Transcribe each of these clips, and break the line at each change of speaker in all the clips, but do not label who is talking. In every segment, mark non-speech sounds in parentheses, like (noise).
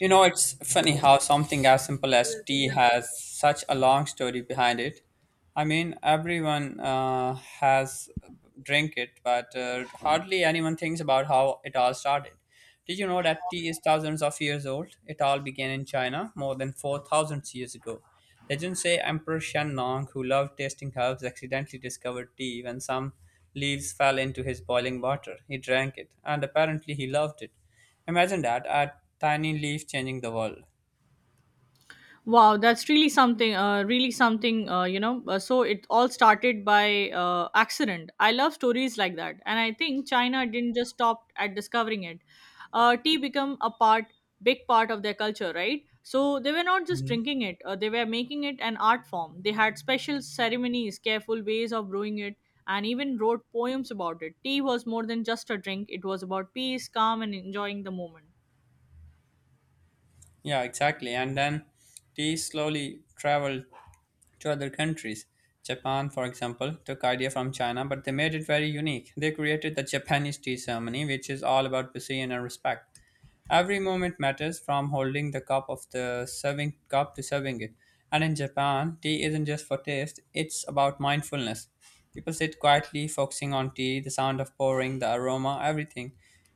You know, it's funny how something as simple as tea has such a long story behind it. Everyone has drink it, but hardly anyone thinks about how it all started. Did you know that tea is thousands of years old? It all began in China more than 4,000 years ago. Legends say Emperor Shen Nong, who loved tasting herbs, accidentally discovered tea when some leaves fell into his boiling water. He drank it, and apparently he loved it. Imagine that, a tiny leaf changing the world.
Wow, that's really something, really something. So it all started by accident. I love stories like that. And I think China didn't just stop at discovering it. Tea became a part, big part of their culture, right? So they were not just
Mhm.
drinking it, they were making it an art form. They had special ceremonies, careful ways of brewing it, and even wrote poems about it. Tea was more than just a drink, it was about peace, calm, and enjoying the moment.
Yeah, exactly. And then tea slowly traveled to other countries. Japan, for example, took idea from China, but they made it very unique. They created the Japanese tea ceremony, which is all about precision and respect. Every moment matters from holding the cup of the serving cup to serving it. And in Japan, tea isn't just for taste, it's about mindfulness. People sit quietly, focusing on tea, the sound of pouring, the aroma, everything.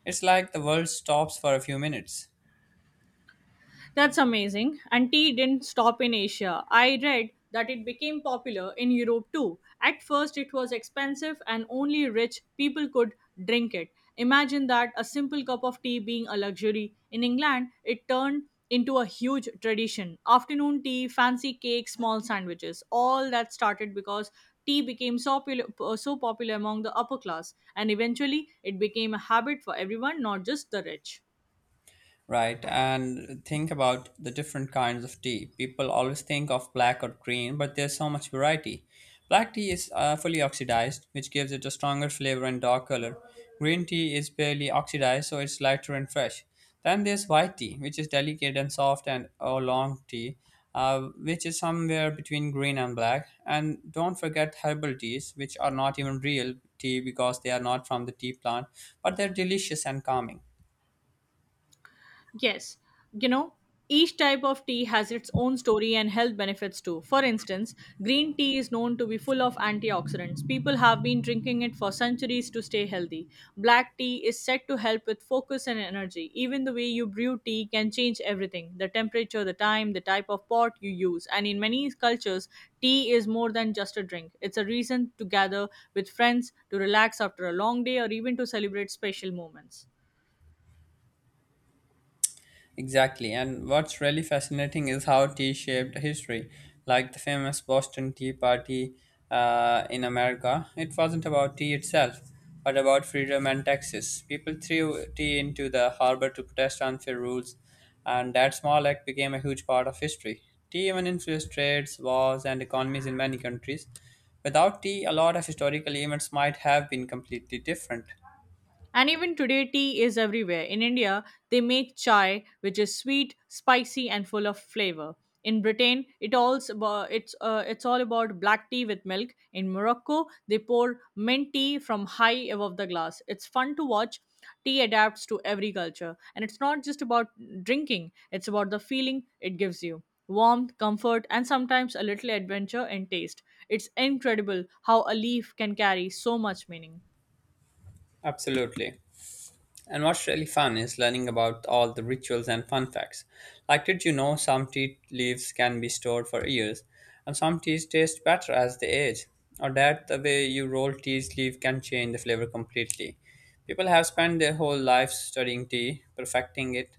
It's like the world stops for a few minutes.
That's amazing. And tea didn't stop in Asia. I read that it became popular in Europe too. At first, it was expensive and only rich people could drink it. Imagine that a simple cup of tea being a luxury. In England, it turned into a huge tradition. Afternoon tea, fancy cakes, small sandwiches. All that started because tea became so popular among the upper class, and eventually it became a habit for everyone, not just the rich.
Right? And think about the different kinds of tea. People always think of black or green, but there's so much variety. Black tea is fully oxidized, which gives it a stronger flavor and dark color. Green tea is barely oxidized, so it's lighter and fresh. Then there's white tea, which is delicate and soft, and or long tea, which is somewhere between green and black. And don't forget herbal teas, which are not even real tea because they are not from the tea plant, but they're delicious and calming.
Yes, you know, each type of tea has its own story and health benefits too. For instance, green tea is known to be full of antioxidants. People have been drinking it for centuries to stay healthy. Black tea is said to help with focus and energy. Even the way you brew tea can change everything the temperature, the time, the type of pot you use. And in many cultures, tea is more than just a drink, it's a reason to gather with friends, to relax after a long day, or even to celebrate special moments.
Exactly, and what's really fascinating is how tea shaped history, like the famous Boston Tea Party in America. It wasn't about tea itself, but about freedom and taxes. People threw tea into the harbor to protest unfair rules, and that small act became a huge part of history. Tea even influenced trades, wars, and economies in many countries. Without tea, a lot of historical events might have been completely different.
And even today, tea is everywhere. In India, they make chai, which is sweet, spicy, and full of flavor. In Britain, it's all about black tea with milk. In Morocco, they pour mint tea from high above the glass. It's fun to watch. Tea adapts to every culture, and it's not just about drinking. It's about the feeling it gives you: warmth, comfort, and sometimes a little adventure in taste. It's incredible how a leaf can carry so much meaning.
Absolutely. And what's really fun is learning about all the rituals and fun facts. Like, did you know some tea leaves can be stored for years, and some teas taste better as they age? Or that the way you roll tea leaf can change the flavor completely. People have spent their whole lives studying tea, perfecting it,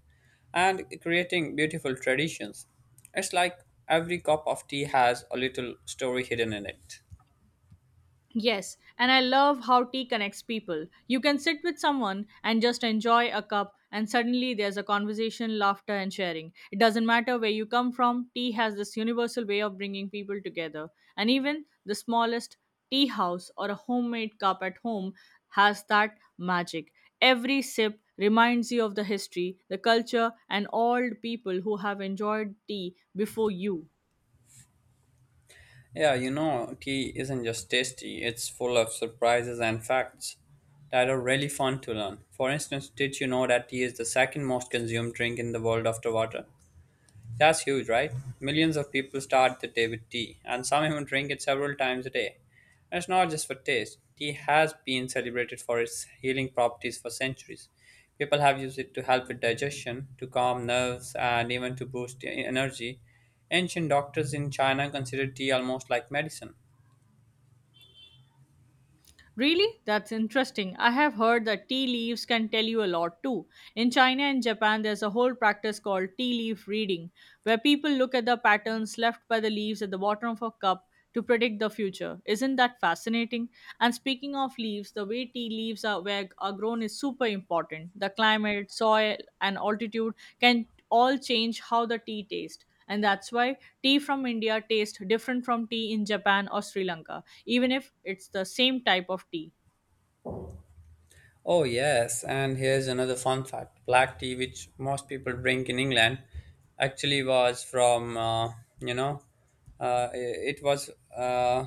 and creating beautiful traditions. It's like every cup of tea has a little story hidden in it.
Yes, and I love how tea connects people. You can sit with someone and just enjoy a cup, and suddenly there's a conversation, laughter, and sharing. It doesn't matter where you come from, tea has this universal way of bringing people together. And even the smallest tea house or a homemade cup at home has that magic. Every sip reminds you of the history, the culture, and all the people who have enjoyed tea before you.
Yeah, you know, tea isn't just tasty, it's full of surprises and facts that are really fun to learn. For instance, did you know that tea is the second most consumed drink in the world after water? That's huge, right? Millions of people start the day with tea, and some even drink it several times a day. And it's not just for taste. Tea has been celebrated for its healing properties for centuries. People have used it to help with digestion, to calm nerves, and even to boost energy. Ancient doctors in China considered tea almost like medicine.
Really? That's interesting. I have heard that tea leaves can tell you a lot too. In China and Japan, there's a whole practice called tea leaf reading, where people look at the patterns left by the leaves at the bottom of a cup to predict the future. Isn't that fascinating? And speaking of leaves, the way tea are grown is super important. The climate, soil, and altitude can all change how the tea tastes and that's why tea from India tastes different from tea in Japan or Sri Lanka, even if it's the same type of tea.
Oh, yes, and here's another fun fact. Black tea, which most people drink in England, actually was from, you know, it it was uh,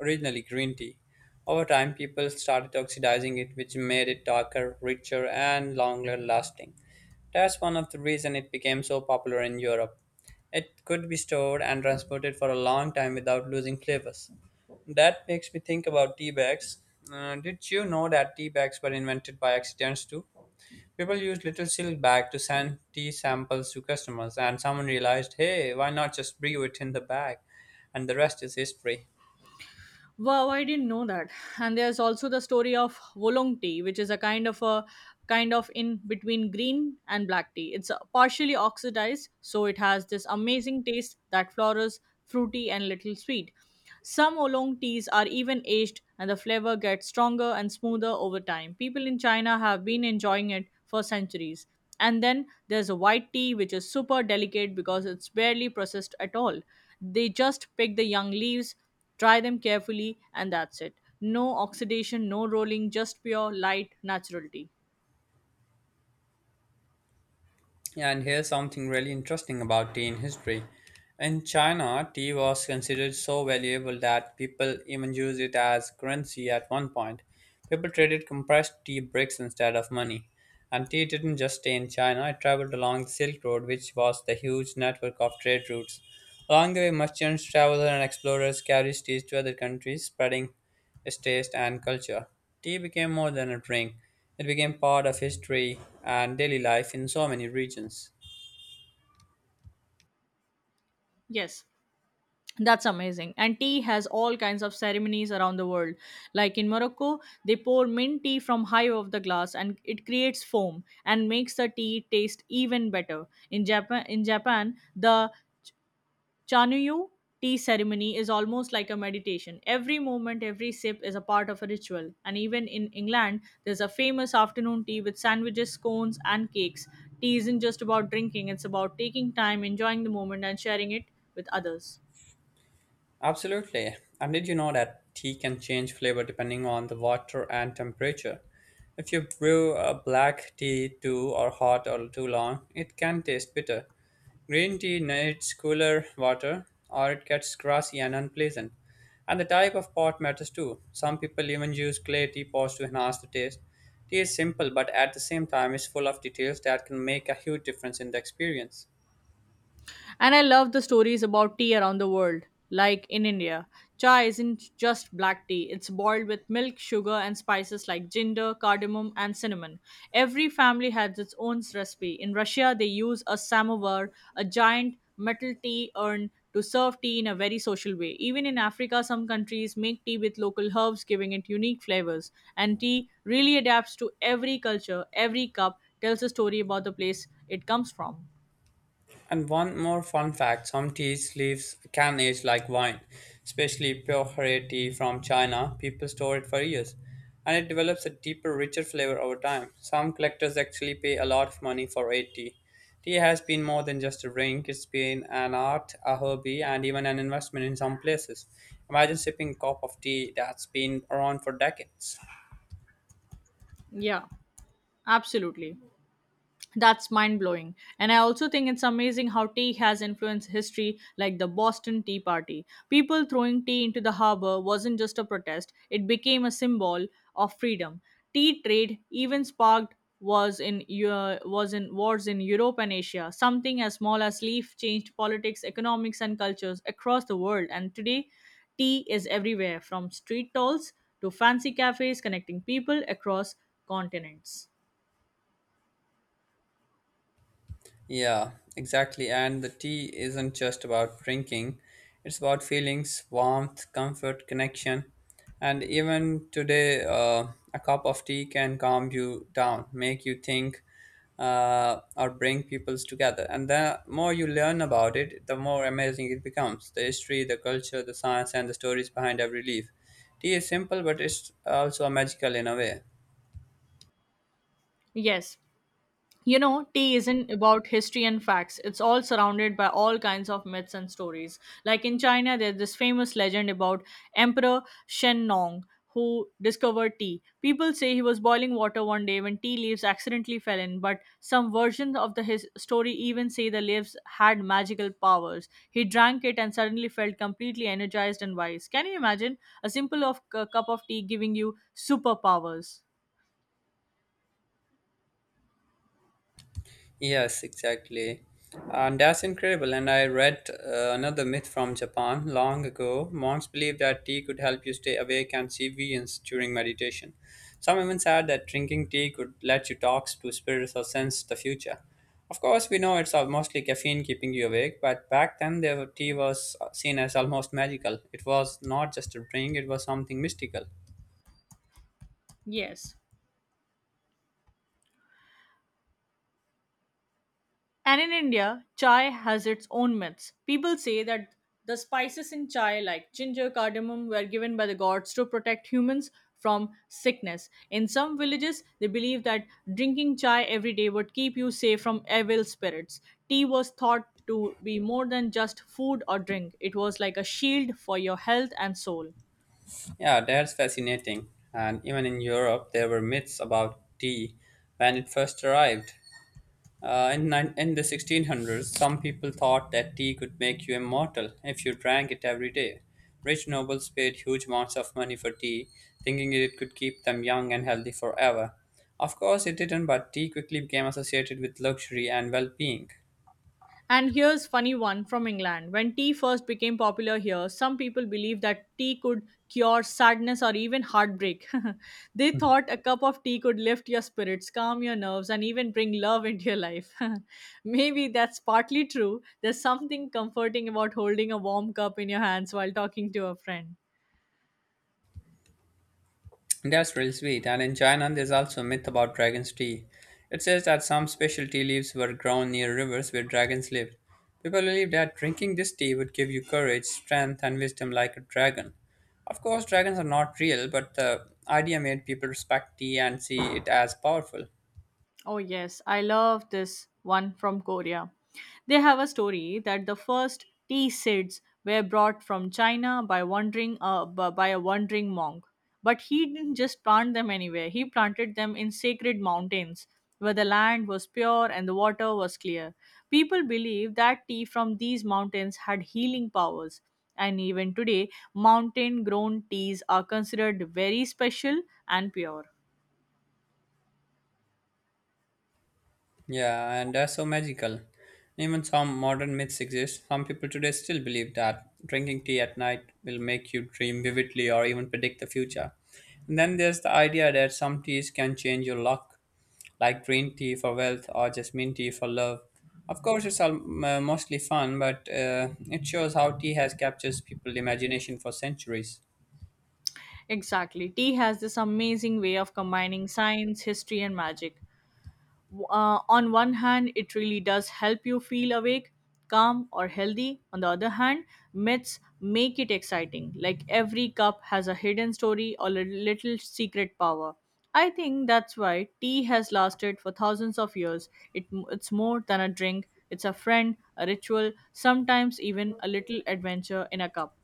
originally green tea. Over time, people started oxidizing it, which made it darker, richer, and longer lasting. That's one of the reasons it became so popular in Europe. It could be stored and transported for a long time without losing flavors. That makes me think about tea bags. Did you know that tea bags were invented by accidents too? People used little silk bag to send tea samples to customers, and someone realized, hey, why not just brew it in the bag? And the rest is history.
Wow, I didn't know that. And there's also the story of Wolong tea, which is a kind of in between green and black tea. It's partially oxidized, so it has this amazing taste that flowers, fruity, and little sweet. Some oolong teas are even aged, and the flavor gets stronger and smoother over time. People in China have been enjoying it for centuries. And then there's a white tea, which is super delicate because it's barely processed at all. They just pick the young leaves Dry them carefully, and that's it. No oxidation, no rolling, just pure light natural tea.
Yeah, and here's something really interesting about tea in history. In China, tea was considered so valuable that people even used it as currency at one point. People traded compressed tea bricks instead of money. And tea didn't just stay in China, it traveled along the Silk Road, which was the huge network of trade routes. Along the way, merchants, travelers, and explorers carried tea to other countries, spreading his taste, and culture. Tea became more than a drink, it became part of history and daily life in so many regions.
Yes, that's amazing. And tea has all kinds of ceremonies around the world. Like in Morocco, they pour mint tea from high of the glass and it creates foam and makes the tea taste even better. In Japan, the Chanuyu tea ceremony is almost like a meditation. Every moment, every sip is a part of a ritual. And even in England, there's a famous afternoon tea with sandwiches, scones, and cakes. Tea isn't just about drinking, it's about taking time, enjoying the moment, and sharing it with others.
Absolutely. And did you know that tea can change flavor depending on the water and temperature? If you brew a black tea too or hot or too long, it can taste bitter. Green tea needs cooler water or it gets grassy and unpleasant. And the type of pot matters too. Some people even use clay teapots to enhance the taste. Tea is simple but at the same time is full of details that can make a huge difference in the experience.
And I love the stories about tea around the world. Like in India, chai isn't just black tea, it's boiled with milk, sugar, and spices like ginger, cardamom, and cinnamon. Every family has its own recipe. In Russia, they use a samovar, a giant metal tea urn, to serve tea in a very social way. Even in Africa, some countries make tea with local herbs, giving it unique flavors. And tea really adapts to every culture, every cup tells a story about the place it comes from.
And one more fun fact some tea leaves can age like wine, especially pure hare tea from China. People store it for years and it develops a deeper, richer flavor over time. Some collectors actually pay a lot of money for red tea. Tea has been more than just a drink, it's been an art, a hobby, and even an investment in some places. Imagine sipping a cup of tea that's been around for decades.
Yeah, absolutely. That's mind blowing. And I also think it's amazing how tea has influenced history, like the Boston Tea Party. People throwing tea into the harbor wasn't just a protest, it became a symbol of freedom. Tea trade even sparked was in Eu- was in wars in Europe and Asia. Something as small as leaf changed politics, economics, and cultures across the world. And today, tea is everywhere, from street stalls to fancy cafes, connecting people across continents.
Yeah, exactly. And the tea isn't just about drinking, it's about feelings, warmth, comfort, connection. And even today, a cup of tea can calm you down, make you think, or bring peoples together. And the more you learn about it, the more amazing it becomes the history, the culture, the science, and the stories behind every leaf. Tea is simple, but it's also magical in a way.
Yes, you know, tea isn't about history and facts. It's all surrounded by all kinds of myths and stories. Like in China, there's this famous legend about Emperor Shen Nong who discovered tea. People say he was boiling water one day when tea leaves accidentally fell in, but some versions of the his story even say the leaves had magical powers. He drank it and suddenly felt completely energized and wise. Can you imagine a cup of tea giving you superpowers?
Yes, exactly. And that's incredible. And I read another myth from Japan long ago. Monks believed that tea could help you stay awake and see visions during meditation. Some even said that drinking tea could let you talk to spirits or sense the future. Of course, we know it's all mostly caffeine keeping you awake, but back then the tea was seen as almost magical. It was not just a drink, it was something mystical.
Yes. And in India, chai has its own myths. People say that the spices in chai, like ginger, cardamom, were given by the gods to protect humans from sickness. In some villages, they believe that drinking chai every day would keep you safe from evil spirits. Tea was thought to be more than just food or drink, it was like a shield for your health and soul.
Yeah, that's fascinating. And even in Europe, there were myths about tea when it first arrived. In the 1600s, some people thought that tea could make you immortal if you drank it every day. Rich nobles paid huge amounts of money for tea, thinking it could keep them young and healthy forever. Of course, it didn't, but tea quickly became associated with luxury and well being.
And here's funny one from England. When tea first became popular here, some people believed that tea could cure sadness or even heartbreak. (laughs) They thought a cup of tea could lift your spirits, calm your nerves, and even bring love into your life. (laughs) Maybe that's partly true. There's something comforting about holding a warm cup in your hands while talking to a friend.
That's really sweet. And in China, there's also a myth about dragon's tea. It says that some special tea leaves were grown near rivers where dragons lived. People believe that drinking this tea would give you courage, strength, and wisdom like a dragon. Of course, dragons are not real, but the idea made people respect tea and see it as powerful.
Oh, yes, I love this one from Korea. They have a story that the first tea seeds were brought from China by by a wandering monk. But he didn't just plant them anywhere. He planted them in sacred mountains where the land was pure and the water was clear. People believe that tea from these mountains had healing powers. And even today, mountain grown teas are considered very special and pure.
Yeah, and that's so magical. Even some modern myths exist. Some people today still believe that drinking tea at night will make you dream vividly or even predict the future. And then there's the idea that some teas can change your luck, like green tea for wealth or jasmine tea for love. Of course, mostly fun, but it shows how tea has captured people's imagination for centuries.
Exactly. Tea has this amazing way of combining science, history, and magic. On one hand, it really does help you feel awake, calm, or healthy. On the other hand, myths make it exciting. Like every cup has a hidden story or a little secret power. I think that's why tea has lasted for thousands of years. It, it's more than a drink, it's a friend, a ritual, sometimes even a little adventure in a cup.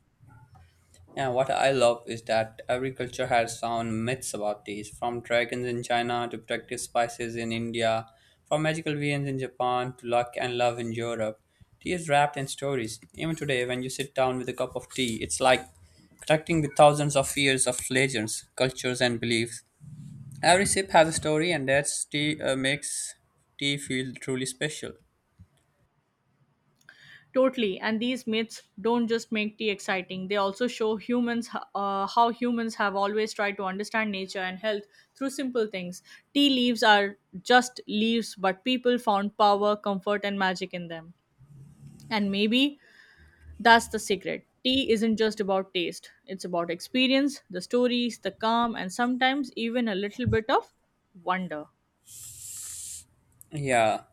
Yeah, what I love is that every culture has sound myths about these, from dragons in China to protective spices in India, from magical beings in Japan to luck and love in Europe. Tea is wrapped in stories. Even today, when you sit down with a cup of tea, it's like connecting with thousands of years of legends, cultures, and beliefs. Every sip has a story, and that's tea makes tea feel truly special.
Totally. And these myths don't just make tea exciting, they also show how humans have always tried to understand nature and health through simple things. Tea leaves are just leaves, but people found power, comfort, and magic in them. And maybe that's the secret. Tea isn't just about taste, it's about experience, the stories, the calm, and sometimes even a little bit of wonder.
Yeah,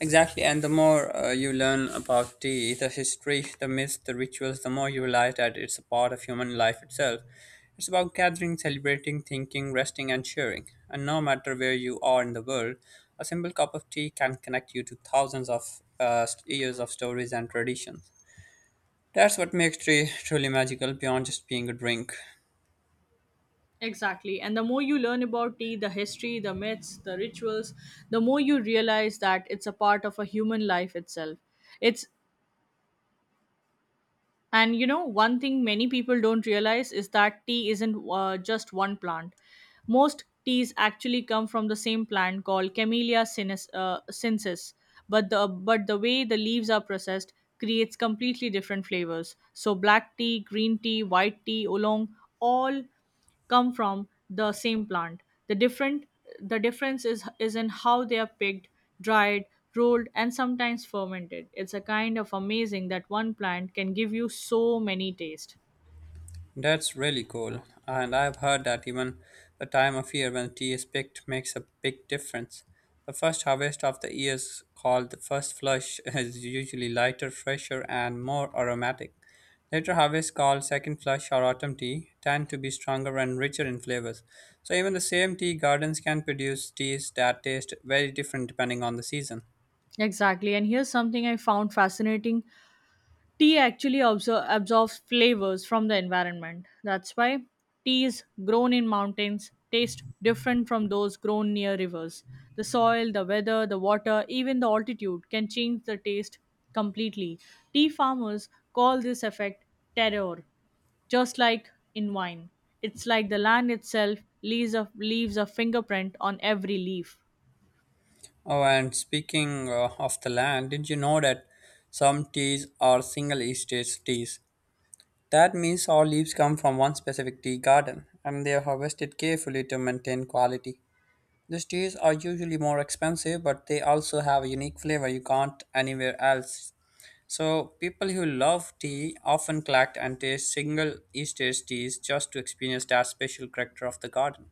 exactly, and the more you learn about tea, the history, the myths, the rituals, the more you realize that it's a part of human life itself. It's about gathering, celebrating, thinking, resting, and sharing. And no matter where you are in the world, a simple cup of tea can connect you to thousands of years of stories and traditions. That's what makes tea truly magical beyond just being a drink.
Exactly. And the more you learn about tea, the history, the myths, the rituals, the more you realize that it's a part of a human life itself. It's and you know one thing many people don't realize is that tea isn't just one plant. Most teas actually come from the same plant called Camellia sinensis. But the way the leaves are processed creates completely different flavors. So black tea, green tea, white tea, oolong, all come from the same plant. The difference is in how they are picked, dried, rolled, and sometimes fermented. It's a kind of amazing that one plant can give you so many tastes.
That's really cool. And I've heard that even the time of year when tea is picked makes a big difference. The first harvest of the year is called the first flush (laughs) is usually lighter, fresher, and more aromatic. Later harvests called second flush or autumn tea tend to be stronger and richer in flavors. So even the same tea gardens can produce teas that taste very different depending on the season.
Exactly. And here's something I found fascinating Tea actually absorbs flavors from the environment. That's why teas grown in mountains taste different from those grown near rivers. The soil, the weather, the water, even the altitude can change the taste completely. Tea farmers call this effect terroir just like in wine. It's like the land itself leaves a fingerprint on every leaf.
Oh, and speaking of the land, did you know that some teas are single estate teas, that means all leaves come from one specific tea garden and they are harvested carefully to maintain quality. These teas are usually more expensive, but they also have a unique flavor you can't anywhere else. So, people who love tea often collect and taste single East teas just to experience that special character of the garden.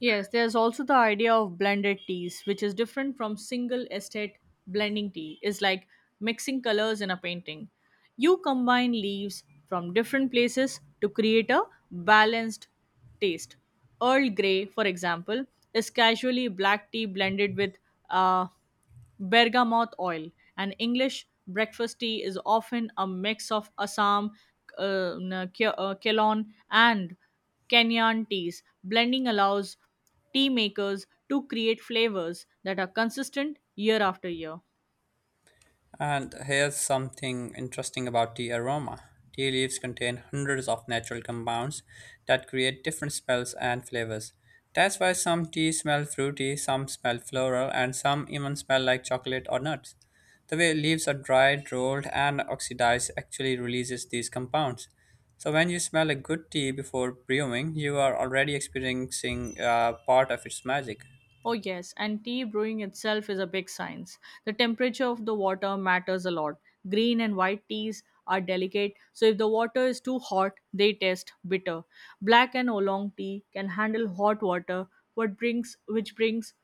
Yes, there's also the idea of blended teas, which is different from single estate blending tea. It's like mixing colors in a painting. You combine leaves from different places to create a balanced taste. Earl Grey, for example, is casually black tea blended with uh, Bergamot oil. An English breakfast tea is often a mix of Assam, Ceylon, and Kenyan teas. Blending allows tea makers to create flavors that are consistent year after year.
And here's something interesting about tea aroma. Tea leaves contain hundreds of natural compounds that create different smells and flavors. That's why some tea smell fruity, some smell floral, and some even smell like chocolate or nuts. The way leaves are dried, rolled, and oxidized actually releases these compounds. So when you smell a good tea before brewing, you are already experiencing part of its magic.
Oh, yes, and tea brewing itself is a big science. The temperature of the water matters a lot. Green and white teas are delicate, so if the water is too hot, they taste bitter. Black and oolong tea can handle hot water, what brings which brings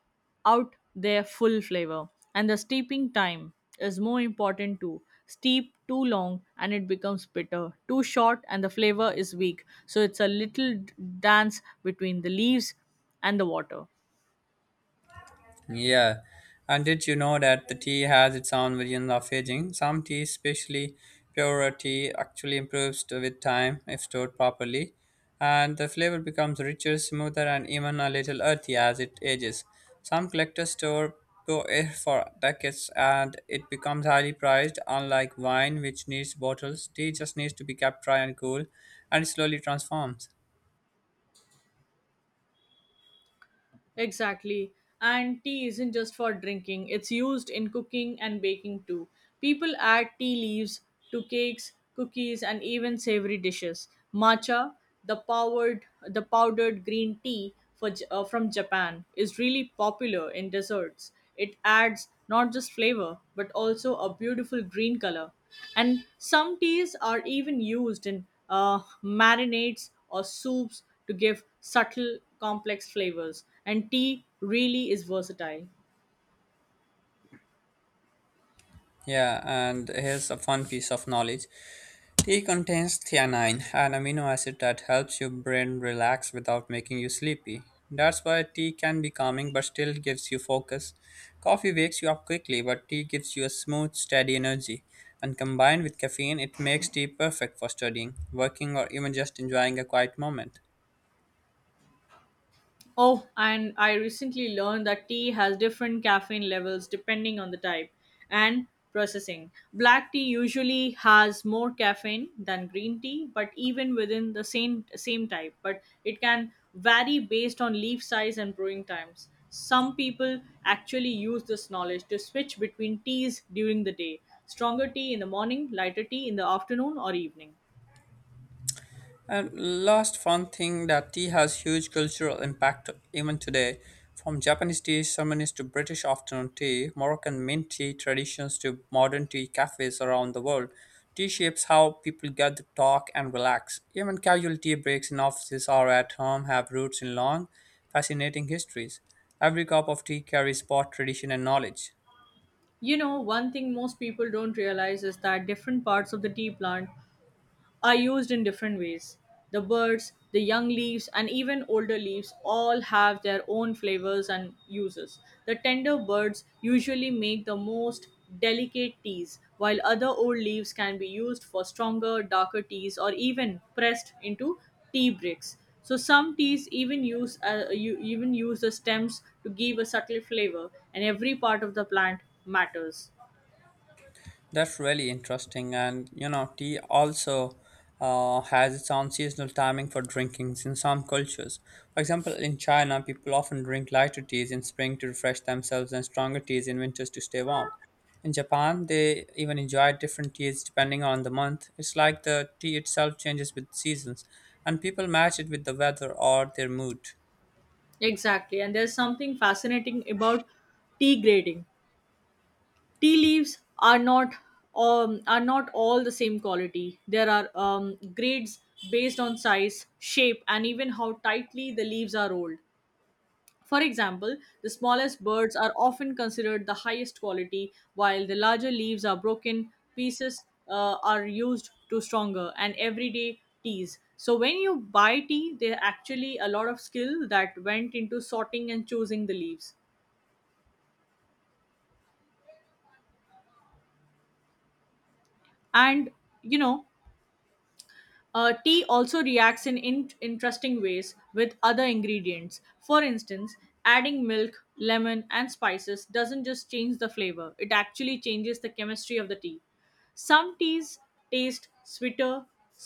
out their full flavor. And the steeping time is more important too. Steep too long and it becomes bitter. Too short and the flavor is weak. So it's a little dance between the leaves and the water.
Yeah, and did you know that the tea has its own version of aging? Some tea, especially purer tea, actually improves with time if stored properly, and the flavor becomes richer, smoother, and even a little earthy as it ages. Some collectors store pure air for decades, and it becomes highly priced. Unlike wine, which needs bottles, tea just needs to be kept dry and cool, and it slowly transforms.
Exactly. And tea isn't just for drinking, it's used in cooking and baking too. People add tea leaves to cakes, cookies, and even savory dishes. Matcha, the powdered green tea from Japan, is really popular in desserts. It adds not just flavor but also a beautiful green color. And some teas are even used in marinades or soups to give subtle, complex flavors. And tea really is versatile.
Yeah, and here's a fun piece of knowledge. Tea contains theanine, an amino acid that helps your brain relax without making you sleepy. That's why tea can be calming but still gives you focus. Coffee wakes you up quickly, but tea gives you a smooth, steady energy. And combined with caffeine, it makes tea perfect for studying, working, or even just enjoying a quiet moment.
Oh, and I recently learned that tea has different caffeine levels depending on the type and processing. Black tea usually has more caffeine than green tea, but even within the same type, but it can vary based on leaf size and brewing times. Some people actually use this knowledge to switch between teas during the day. Stronger tea in the morning, lighter tea in the afternoon or evening.
And last fun thing that tea has huge cultural impact even today. From Japanese tea ceremonies to British afternoon tea, Moroccan mint tea traditions to modern tea cafes around the world, tea shapes how people gather, talk, and relax. Even casual tea breaks in offices or at home have roots in long, fascinating histories. Every cup of tea carries both tradition and knowledge.
You know, one thing most people don't realize is that different parts of the tea plant are used in different ways. The birds, the young leaves, and even older leaves all have their own flavors and uses. The tender birds usually make the most delicate teas, while other old leaves can be used for stronger, darker teas or even pressed into tea bricks. So some teas even use you even use the stems to give a subtle flavor, and every part of the plant matters.
That's really interesting. And you know, tea also has its own seasonal timing for drinkings in some cultures. For example, in China, people often drink lighter teas in spring to refresh themselves and stronger teas in winters to stay warm. In Japan, they even enjoy different teas depending on the month. It's like the tea itself changes with seasons, and people match it with the weather or their mood.
Exactly, and there's something fascinating about tea grading. Tea leaves are not all the same quality. There are grades based on size, shape, and even how tightly the leaves are rolled. For example, the smallest birds are often considered the highest quality, while the larger leaves are broken pieces are used to stronger and everyday teas. So when you buy tea, there are actually a lot of skill that went into sorting and choosing the leaves. And you know, tea also reacts in interesting ways with other ingredients. For instance, adding milk, lemon, and spices doesn't just change the flavor, it actually changes the chemistry of the tea. Some teas taste sweeter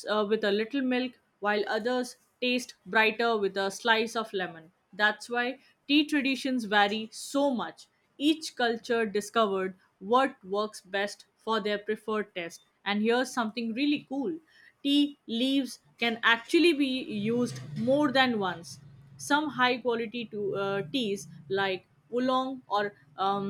with a little milk, while others taste brighter with a slice of lemon. That's why tea traditions vary so much. Each culture discovered what works best for their preferred taste. And here's something really cool tea leaves can actually be used more than once. Some high quality teas like oolong or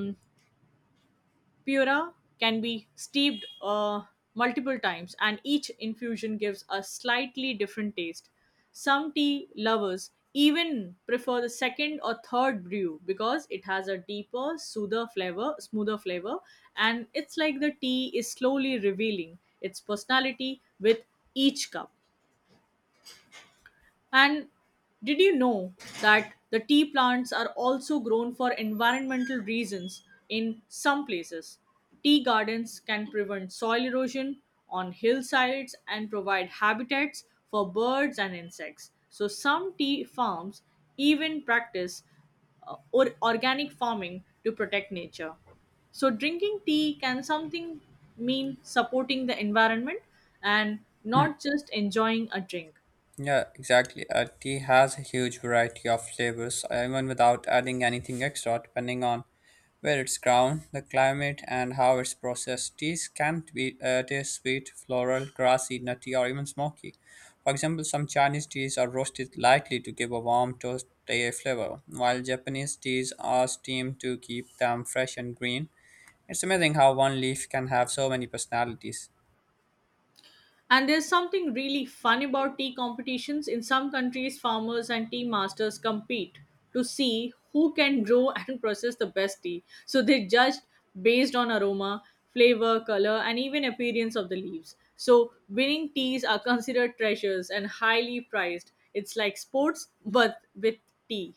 Pura can be steeped multiple times, and each infusion gives a slightly different taste. Some tea lovers even prefer the second or third brew because it has a smoother flavor, and it's like the tea is slowly revealing its personality with each cup. And did you know that the tea plants are also grown for environmental reasons in some places? Tea gardens can prevent soil erosion on hillsides and provide habitats for birds and insects. So, some tea farms even practice or organic farming to protect nature. So drinking tea can something mean supporting the environment and
Mm,
not just enjoying a drink.
Yeah, exactly. Tea has a huge variety of flavors, even without adding anything extra, depending on where it's grown, the climate, and how it's processed. Teas can be taste sweet, floral, grassy, nutty, or even smoky. For example, some Chinese teas are roasted lightly to give a warm toasty flavor, while Japanese teas are steamed to keep them fresh and green. It's amazing how one leaf can have so many personalities.
And there's something really fun about tea competitions. In some countries, farmers and tea masters compete to see who can grow (laughs) and process the best tea. So they judged based on aroma, flavor, color, and even appearance of the leaves. So winning teas are considered treasures and highly prized. It's like sports, but with tea.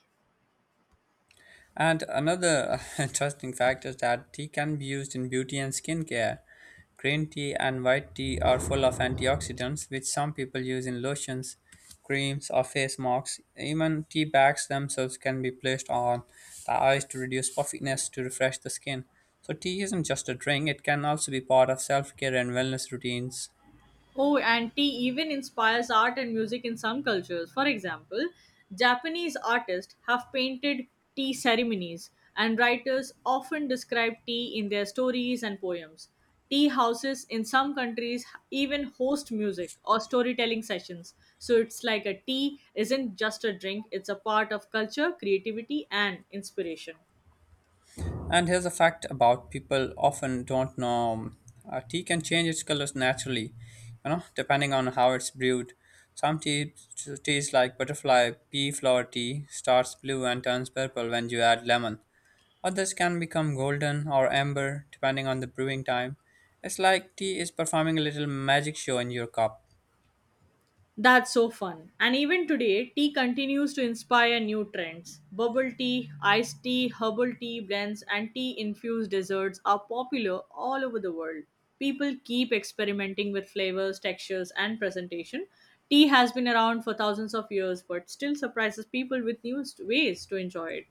And another (laughs) interesting fact is that tea can be used in beauty and skincare. Green tea and white tea are full of antioxidants, which some people use in lotions, creams, or face masks. Even tea bags themselves can be placed on the eyes to reduce puffiness to refresh the skin. So, tea isn't just a drink, it can also be part of self care and wellness routines.
Oh, and tea even inspires art and music in some cultures. For example, Japanese artists have painted tea ceremonies, and writers often describe tea in their stories and poems. Tea houses in some countries even host music or storytelling sessions. So it's like a tea isn't just a drink, it's a part of culture, creativity, and inspiration.
And here's a fact about people often don't know, tea can change its colors naturally, you know, depending on how it's brewed. Some tea, teas like butterfly pea flower tea starts blue and turns purple when you add lemon. Others can become golden or amber depending on the brewing time. It's like tea is performing a little magic show in your cup.
That's so fun. And even today, tea continues to inspire new trends. Bubble tea, iced tea, herbal tea blends, and tea infused desserts are popular all over the world. People keep experimenting with flavors, textures, and presentation. Tea has been around for thousands of years but still surprises people with new ways to enjoy it.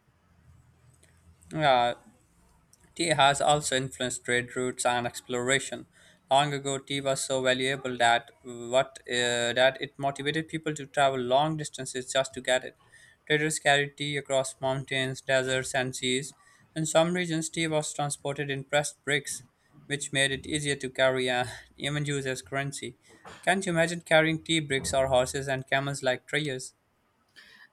Yeah, tea has also influenced trade routes and exploration. Long ago, tea was so valuable that it motivated people to travel long distances just to get it. Traders carried tea across mountains, deserts, and seas. In some regions, tea was transported in pressed bricks, which made it easier to carry and (laughs) even use as currency. Can't you imagine carrying tea bricks or horses and camels like traders?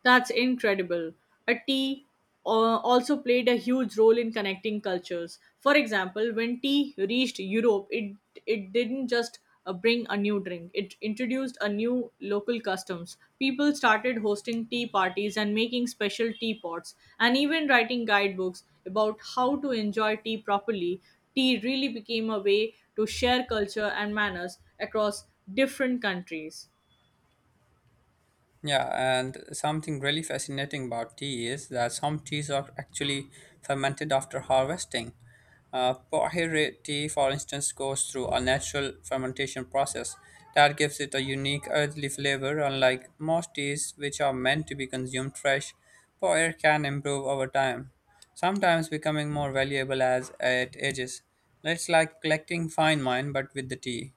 That's incredible. A tea also played a huge role in connecting cultures. For example, when tea reached Europe, it didn't just bring a new drink. It introduced a new local customs. People started hosting tea parties and making special teapots, and even writing guidebooks about how to enjoy tea properly. Tea really became a way to share culture and manners across different countries.
Yeah, and something really fascinating about tea is that some teas are actually fermented after harvesting. Pohere tea, for instance, goes through a natural fermentation process that gives it a unique earthly flavor, unlike most teas which are meant to be consumed fresh. Pohere can improve over time, sometimes becoming more valuable as it ages. It's like collecting fine wine but with the tea.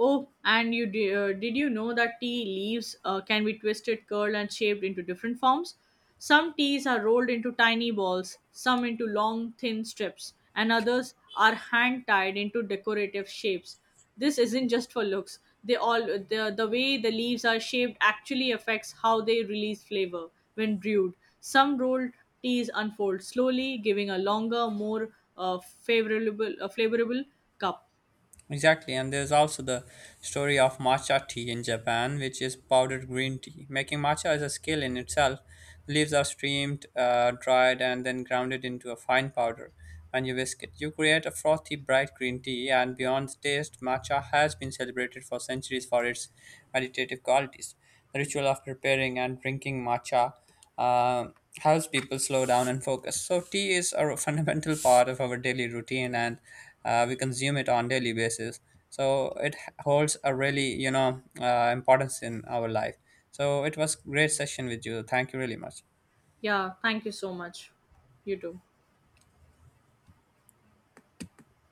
Oh, and you did you know that tea leaves can be twisted, curled, and shaped into different forms? Some teas are rolled into tiny balls, some into long, thin strips, and others are hand tied into decorative shapes. This isn't just for looks. The way the leaves are shaped actually affects how they release flavor when brewed. Some rolled teas unfold slowly, giving a longer, more flavorable cup.
Exactly, and there's also the story of matcha tea in Japan, which is powdered green tea. Making matcha is a skill in itself. The leaves are steamed, dried, and then grounded into a fine powder and you whisk it. You create a frothy, bright green tea, and beyond the taste, matcha has been celebrated for centuries for its meditative qualities. The ritual of preparing and drinking matcha uh, helps people slow down and focus. So tea is a fundamental part of our daily routine, and we consume it on daily basis. So it holds a really importance in our life. So it was great session with you. Thank you really much.
Yeah, thank you so much. You too.